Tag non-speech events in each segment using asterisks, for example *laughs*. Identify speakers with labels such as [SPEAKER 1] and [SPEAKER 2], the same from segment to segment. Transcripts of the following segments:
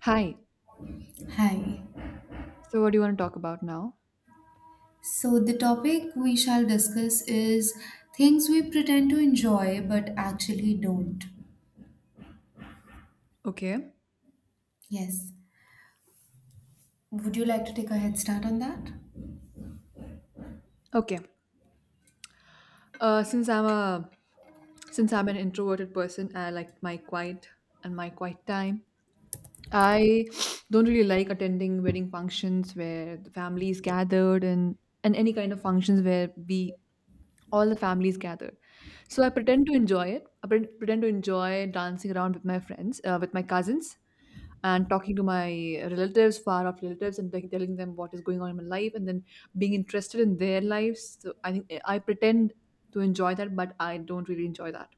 [SPEAKER 1] Hi.
[SPEAKER 2] Hi.
[SPEAKER 1] So what do you want to talk about now?
[SPEAKER 2] So, the topic we shall discuss is things we pretend to enjoy but actually don't.
[SPEAKER 1] Okay.
[SPEAKER 2] Yes. Would you like to take a head start on that?
[SPEAKER 1] Okay. Uh, since I'm a since I'm an introverted person, I like my quiet and my quiet time. I don't really like attending wedding functions where the family is gathered and any kind of functions where we all the families gathered. So I pretend to enjoy it. I pretend to enjoy dancing around with my friends, with my cousins, and talking to my relatives, far off relatives, and like telling them what is going on in my life, and then being interested in their lives. So I think I pretend to enjoy that, but I don't really enjoy that.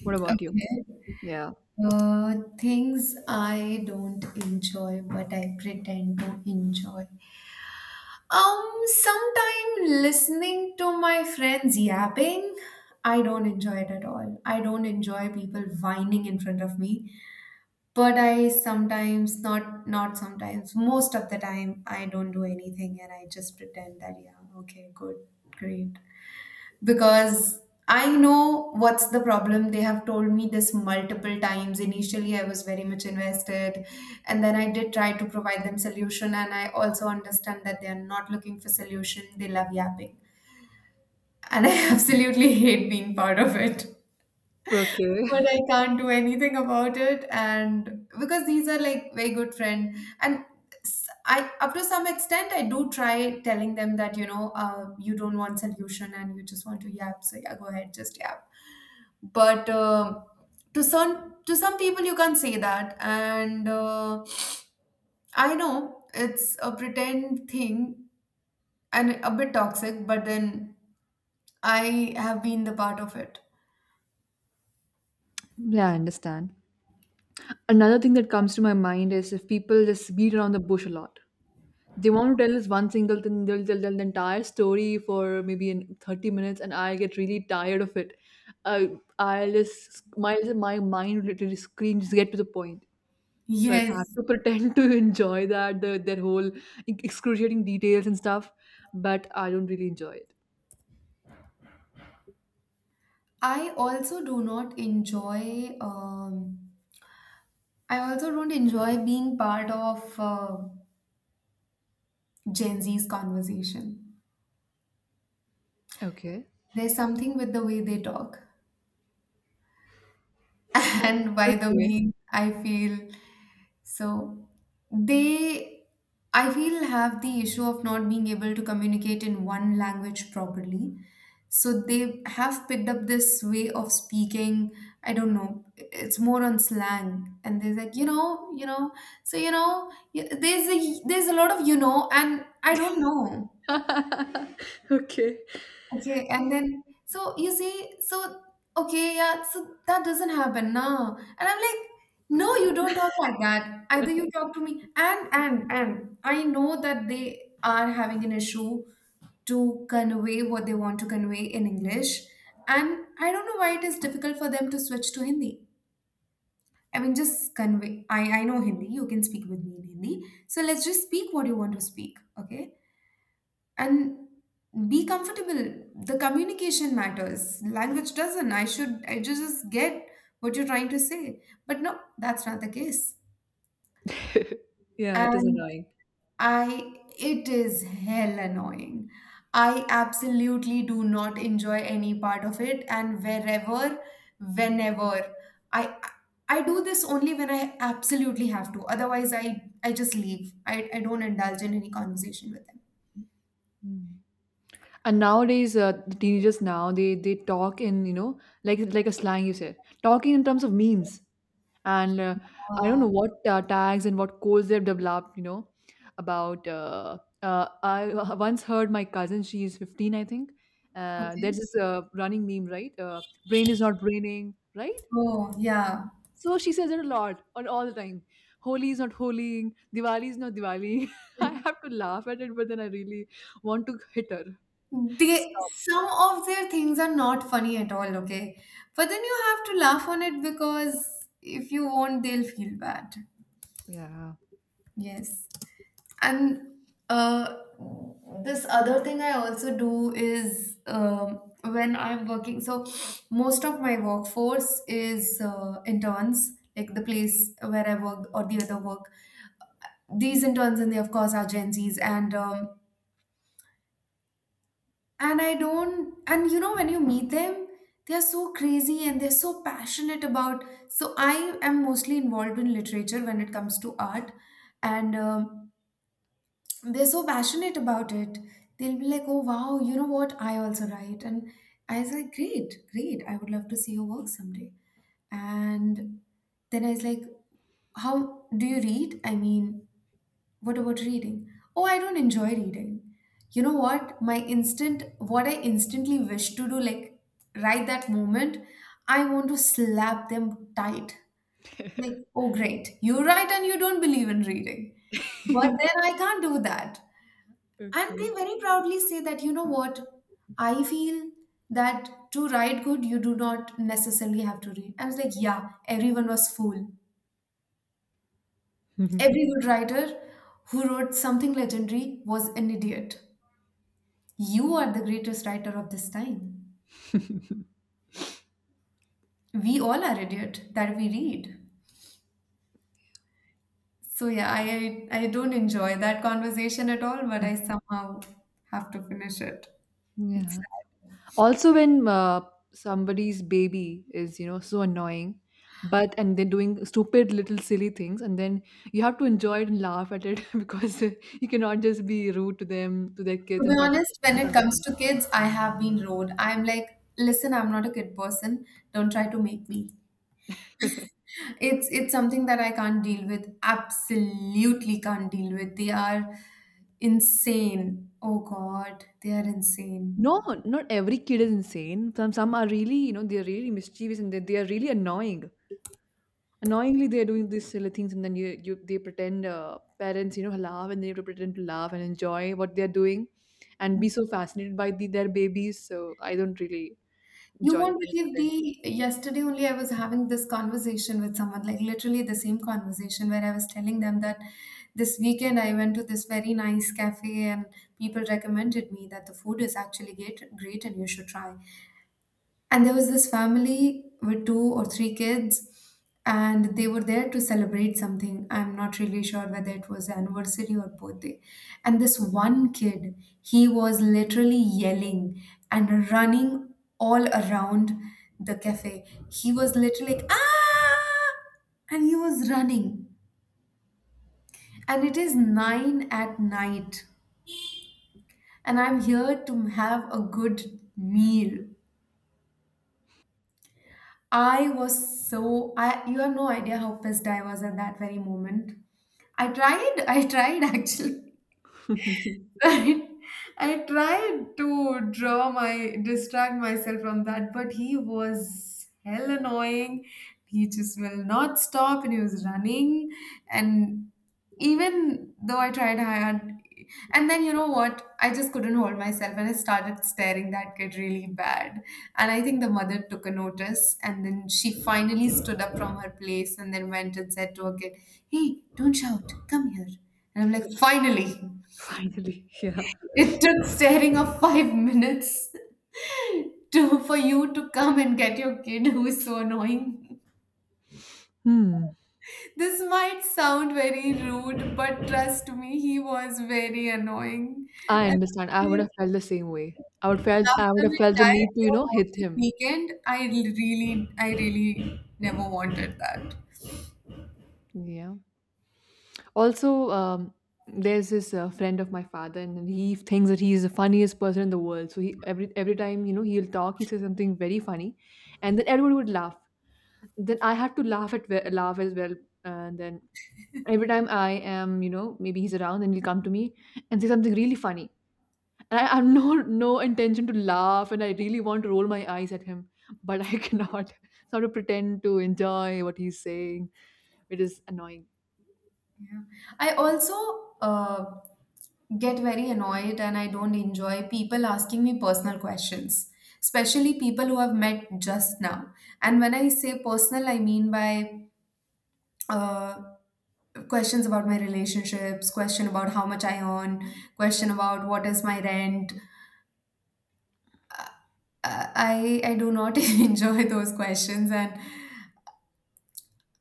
[SPEAKER 1] What about you?
[SPEAKER 2] Okay.
[SPEAKER 1] Yeah.
[SPEAKER 2] Things I don't enjoy but I pretend to enjoy. Sometime listening to my friends yapping, I don't enjoy it at all. I don't enjoy people whining in front of me. But I sometimes not sometimes most of the time, I don't do anything and I just pretend that, yeah, okay, good, great. Because I know what's the problem. They have told me this multiple times. Initially I was very much invested, and then I did try to provide them solution, and I also understand that they are not looking for solution. They love yapping, and I *laughs* absolutely hate being part of it.
[SPEAKER 1] Okay.
[SPEAKER 2] But
[SPEAKER 1] *laughs*
[SPEAKER 2] I can't do anything about it. And because these are like very good friend, and I up to some extent I do try telling them that, you know, you don't want solution and you just want to yap. So yeah, go ahead, just yap. But to some people you can't say that, and I know it's a pretend thing and a bit toxic, but then I have been the part of it.
[SPEAKER 1] Yeah, I understand. Another thing that comes to my mind is if people just beat around the bush a lot. They want to tell us one single thing, they'll tell the entire story for maybe in 30 minutes, and I get really tired of it. Uh, I'll just, my mind literally screams, just get to the point. So I had
[SPEAKER 2] Yes,
[SPEAKER 1] to *laughs* pretend to enjoy that their whole excruciating details and stuff, but I don't really enjoy it.
[SPEAKER 2] I also do not enjoy. I also don't enjoy being part of Gen Z's conversation.
[SPEAKER 1] Okay.
[SPEAKER 2] There's something with the way they talk. *laughs* And by the
[SPEAKER 1] Okay.
[SPEAKER 2] means I feel, so they, I feel, have the issue of not being able to communicate in one language properly. So they have picked up this way of speaking. I don't know. It's more on slang, and they're like, you know, you know. So you know, there's a lot of you know, and I don't know.
[SPEAKER 1] *laughs* Okay.
[SPEAKER 2] Okay, and then so you see, so okay, yeah, so that doesn't happen now. And I'm like, no, you don't talk like that. Either you talk to me, and I know that they are having an issue to convey what they want to convey in English, and I don't know why it is difficult for them to switch to Hindi. I mean, just convey. I know Hindi. You can speak with me in Hindi. So let's just speak what you want to speak, okay? And be comfortable. The communication matters, language doesn't. I should just get what you're trying to say. But no, that's not the case.
[SPEAKER 1] *laughs* Yeah, it is
[SPEAKER 2] And
[SPEAKER 1] annoying.
[SPEAKER 2] I it is hell annoying. I absolutely do not enjoy any part of it, and wherever, whenever, i I do this only when I absolutely have to. Otherwise I just leave. I don't indulge in any conversation with them.
[SPEAKER 1] Mm. And nowadays, the teenagers now they talk in, you know, like a slang you said, talking in terms of memes. And I don't
[SPEAKER 2] uh,
[SPEAKER 1] know what tags and what codes they've developed. You know about I *laughs* once heard my cousin, she is 15, I think. There's
[SPEAKER 2] okay.
[SPEAKER 1] this running meme, right? Brain is not braining, right?
[SPEAKER 2] Oh yeah.
[SPEAKER 1] So she says it a lot, on all the time. Holi is not holying, Diwali is not Diwali. *laughs* I
[SPEAKER 2] *laughs*
[SPEAKER 1] have to laugh at it, but then I really want to hit her. Just
[SPEAKER 2] They,
[SPEAKER 1] stop.
[SPEAKER 2] some of their things are not funny at all, okay? But then you have to laugh on it because if you won't, they'll feel bad.
[SPEAKER 1] Yeah.
[SPEAKER 2] Yes. And uh, this other thing I also do is, when I'm working, so most of my workforce is interns, like the place where I work or the other work. These interns, and they of course are Gen Zs, and I don't, and you know, when you meet them, they are so crazy and they're so passionate about, so I am mostly involved in literature when it comes to art, and they're so passionate about it. They'll be like, oh wow, you know what, I also write. And I was like, great, great, I would love to see your work someday. And then I was like, how do you read? I mean, what about reading? Oh, I don't enjoy reading. You know what? My instant, what I instantly wish to do, like right that moment, I want to slap them tight. Like, oh, great, you're right, and you don't believe in reading. But then
[SPEAKER 1] *laughs*
[SPEAKER 2] I can't do that. And
[SPEAKER 1] Okay.
[SPEAKER 2] they very proudly say that, you know what? I feel that to write good, you do not necessarily have to read. I was like, yeah, everyone was fool. Every good writer who wrote something legendary was an idiot. You are the greatest writer of this time. We all are idiot that we read. So yeah, I don't enjoy that conversation at all, but I
[SPEAKER 1] *laughs*
[SPEAKER 2] somehow have to finish it. It's
[SPEAKER 1] Yeah.
[SPEAKER 2] sad.
[SPEAKER 1] Also, when somebody's baby is, you know, so annoying, but and they're doing stupid little silly things, and then you have to enjoy it and laugh at it *laughs* because you cannot just be rude to them, to their
[SPEAKER 2] To
[SPEAKER 1] kids,
[SPEAKER 2] be honest, when
[SPEAKER 1] in
[SPEAKER 2] it
[SPEAKER 1] front of
[SPEAKER 2] comes
[SPEAKER 1] them.
[SPEAKER 2] to kids, I have been rude. I'm like, listen, I'm not a kid person. Don't try to make me.
[SPEAKER 1] *laughs*
[SPEAKER 2] It's something that I can't deal with. Absolutely can't deal with. They are insane. Oh God, they are insane.
[SPEAKER 1] No, not every kid is insane. Some are really, you know, they're really mischievous and they are really annoying. Annoyingly they're doing these silly things and then you they pretend, parents, you know, laugh and they have to pretend to laugh and enjoy what they're doing and be so fascinated by their babies, so I don't really
[SPEAKER 2] You
[SPEAKER 1] enjoy it,
[SPEAKER 2] won't
[SPEAKER 1] I just
[SPEAKER 2] believe, the yesterday only I was having this conversation with someone, like literally the same conversation, where I was telling them that this weekend I went to this very nice cafe, and people recommended me that the food is actually great, great, and you should try. And there was this family with two or three kids, and they were there to celebrate something. I'm not really sure whether it was anniversary or birthday. And this one kid, he was literally yelling and running all around the cafe. He was literally like, ah! And he was running. And it is 9 at night, and I'm here to have a good meal. I was so, I, you have no idea how pissed I was at that very moment. I tried *laughs* actually.
[SPEAKER 1] pretend.
[SPEAKER 2] *laughs* I tried to draw my distract myself from that, but he was hell annoying. He just will not stop, and he was running. And even though I tried hard, and then you know what? I just couldn't hold myself, and I started staring that kid really bad. And I think the mother took a notice, and then she finally stood up from her place, and then went and said to her kid, "Hey, don't shout! Come here." And I'm like, finally.
[SPEAKER 1] *laughs* Finally, yeah.
[SPEAKER 2] It took staring of 5 minutes *laughs* to, for you to come and get your kid who is so annoying.
[SPEAKER 1] Hmm.
[SPEAKER 2] This might sound very rude, but trust me, he was very annoying. And
[SPEAKER 1] I understand, I would
[SPEAKER 2] after
[SPEAKER 1] have felt the same way. I
[SPEAKER 2] after
[SPEAKER 1] would have
[SPEAKER 2] we
[SPEAKER 1] felt the need
[SPEAKER 2] died
[SPEAKER 1] to, you
[SPEAKER 2] your
[SPEAKER 1] know, hit
[SPEAKER 2] working
[SPEAKER 1] him.
[SPEAKER 2] weekend, I really, never wanted that.
[SPEAKER 1] Yeah. Also, there's this friend of my father, and he thinks that he is the funniest person in the world. So he, every time, you know, he'll talk, he says something very funny, and then everyone would laugh. Then I have to laugh as well, and then every time I am, you know, maybe he's around, and he'll come to me and say something really funny. And I have *laughs* No no intention to laugh, and I really want to roll my eyes at him, but I *laughs* cannot sort of pretend to enjoy what he's saying. It is annoying.
[SPEAKER 2] Yeah. I also uh, get very annoyed, and I don't enjoy people asking me personal questions, especially people who I've met just now. And when I say personal, I mean by uh, questions about my relationships, question about how much I earn, question about what is my rent. I do not *laughs* enjoy those questions, and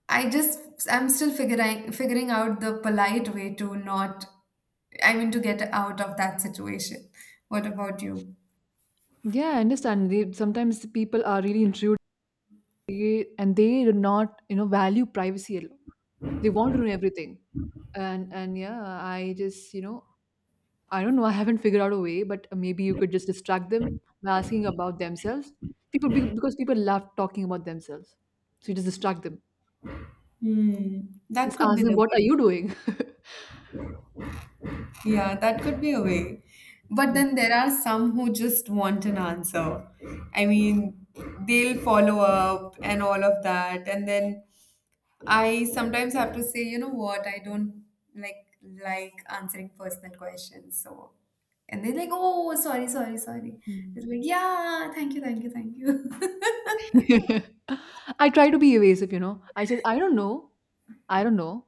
[SPEAKER 2] I just, I'm still figuring out the polite way to not, I mean, to get out of that situation. What about you?
[SPEAKER 1] Yeah, I understand. They, sometimes people are really intrusive and they do not, you know, value privacy alone. They want to know everything. And yeah, I just, you know, I don't know, I haven't figured out a way, but maybe you could just distract them by asking about themselves. Because people love talking about themselves. So you just distract them.
[SPEAKER 2] Hmm, that
[SPEAKER 1] Just
[SPEAKER 2] could
[SPEAKER 1] ask
[SPEAKER 2] be the
[SPEAKER 1] them, what
[SPEAKER 2] way.
[SPEAKER 1] are you doing? *laughs*
[SPEAKER 2] Yeah, that could be a way. But
[SPEAKER 1] Yeah.
[SPEAKER 2] then there are some who just want an answer. I mean, they'll follow up and all of that, and then I sometimes have to say, you know what, I don't like, answering personal questions. So, and they're like, oh sorry, sorry, sorry.
[SPEAKER 1] Mm.
[SPEAKER 2] It's like, yeah, thank you, thank you, thank you. *laughs*
[SPEAKER 1] *laughs* I try to be evasive, you know. I said, I don't know. I don't know.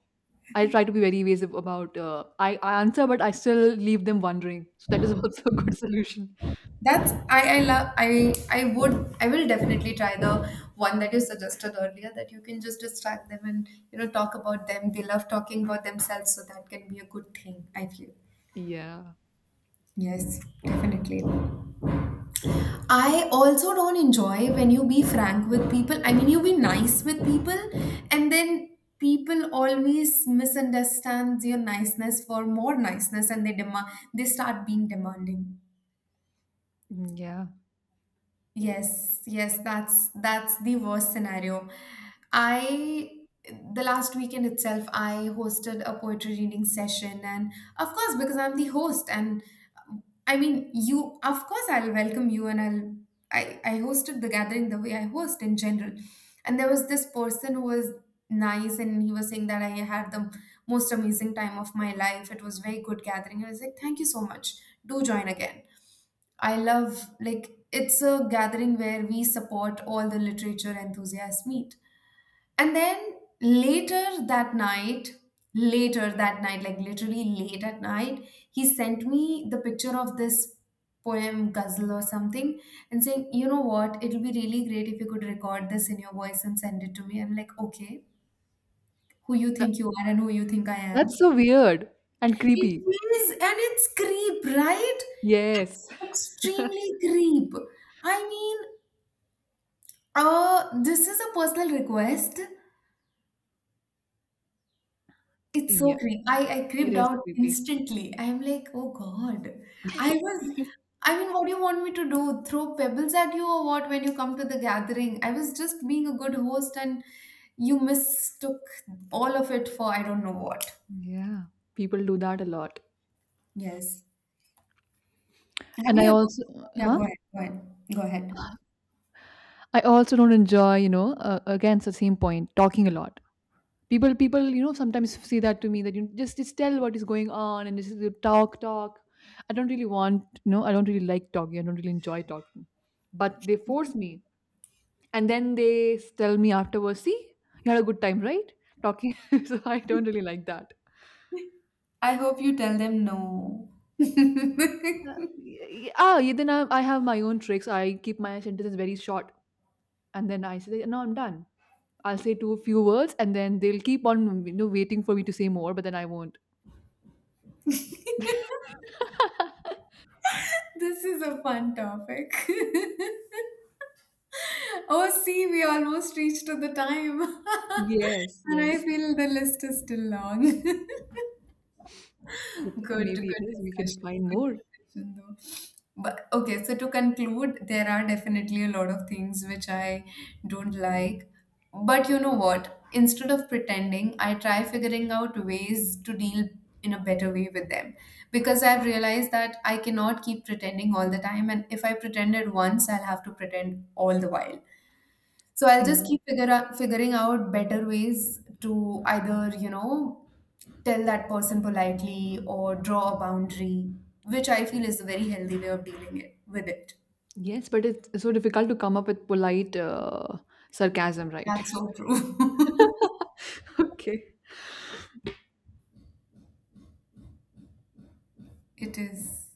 [SPEAKER 1] I try to be very evasive about, I answer, but I still leave them wondering. So that is *laughs* also a good solution.
[SPEAKER 2] That's, I love, I would, I will definitely try the one that you suggested earlier, that you can just distract them and, you know, talk about them. They love talking about themselves, so that can be a good thing, I feel.
[SPEAKER 1] Yeah.
[SPEAKER 2] Yes, definitely. I also don't enjoy when you be frank with people. I mean, you be nice with people, and then people always misunderstands your niceness for more niceness, and they demand, they start being demanding.
[SPEAKER 1] Mm, yeah.
[SPEAKER 2] Yes, yes, that's the worst scenario. I, the last weekend itself, I hosted a poetry reading session, and of course, because I'm the host, and I mean, you, of course, I'll welcome you, and I'll, I hosted the gathering the way I host in general, and there was this person who was nice, and he was saying that I had the most amazing time of my life. It was very good gathering. I was like, thank you so much. Do join again. I love, like, it's a gathering where we support, all the literature enthusiasts meet. And then later that night, like literally late at night, he sent me the picture of this poem ghazal or something and saying, you know what, it'll be really great if you could record this in your voice and send it to me. I'm like, okay, who you
[SPEAKER 1] Tha-
[SPEAKER 2] think you are and who you think I
[SPEAKER 1] That's
[SPEAKER 2] am.
[SPEAKER 1] so weird and
[SPEAKER 2] It
[SPEAKER 1] creepy.
[SPEAKER 2] is, and it's creep, right?
[SPEAKER 1] Yes. *laughs*
[SPEAKER 2] Extremely creep. I mean, this is a personal request. It's so
[SPEAKER 1] Yeah.
[SPEAKER 2] creep. I
[SPEAKER 1] It
[SPEAKER 2] creeped
[SPEAKER 1] is
[SPEAKER 2] out
[SPEAKER 1] creepy.
[SPEAKER 2] instantly. I'm like, oh God. I was,
[SPEAKER 1] *laughs*
[SPEAKER 2] I mean, what do you want me to do? Throw pebbles at you or what when you come to the gathering? I was just being a good host and you mistook all of it for I don't know what.
[SPEAKER 1] Yeah. People do that a lot.
[SPEAKER 2] Yes. Have
[SPEAKER 1] And
[SPEAKER 2] you
[SPEAKER 1] I
[SPEAKER 2] ever?
[SPEAKER 1] also,
[SPEAKER 2] Yeah,
[SPEAKER 1] huh?
[SPEAKER 2] go ahead. Go ahead. Go ahead.
[SPEAKER 1] I also don't enjoy, you know, again, it's the same point, talking a lot. People, you know, sometimes say that to me, that you just tell what is going on and just talk. I don't really want, you know, I don't really like talking, I don't really enjoy talking, but they force me and then they tell me afterwards, see, you had a good time, right, talking. *laughs* So I don't really like that.
[SPEAKER 2] I hope you tell them no. *laughs*
[SPEAKER 1] uh, yeah, then I have my own tricks. I keep my sentences very short and then I say, no, I'm done. I'll say two few words and then they'll keep on, you know, waiting for me to say more, but then I won't.
[SPEAKER 2] This is a fun topic. *laughs* Oh, see, we almost reached to the time.
[SPEAKER 1] *laughs*
[SPEAKER 2] *laughs*
[SPEAKER 1] Yes,
[SPEAKER 2] And I
[SPEAKER 1] yes.
[SPEAKER 2] feel the list is still long. *laughs* Good,
[SPEAKER 1] It,
[SPEAKER 2] good
[SPEAKER 1] maybe it is. We can
[SPEAKER 2] discussion.
[SPEAKER 1] find
[SPEAKER 2] Good
[SPEAKER 1] more.
[SPEAKER 2] discussion, though. But okay, so to conclude, there are definitely a lot of things which I don't like. But you know what? Instead of pretending, I try figuring out ways to deal in a better way with them. Because I've realized that I cannot keep pretending all the time. And if I pretended once, I'll have to pretend all the while. So I'll just
[SPEAKER 1] Mm.
[SPEAKER 2] keep figuring out better ways to either, you know, tell that person politely or draw a boundary, which I feel is a very healthy way of dealing it, with it.
[SPEAKER 1] Yes, but it's so difficult to come up with polite sarcasm, right?
[SPEAKER 2] That's so true.
[SPEAKER 1] *laughs* Okay.
[SPEAKER 2] *laughs* It is.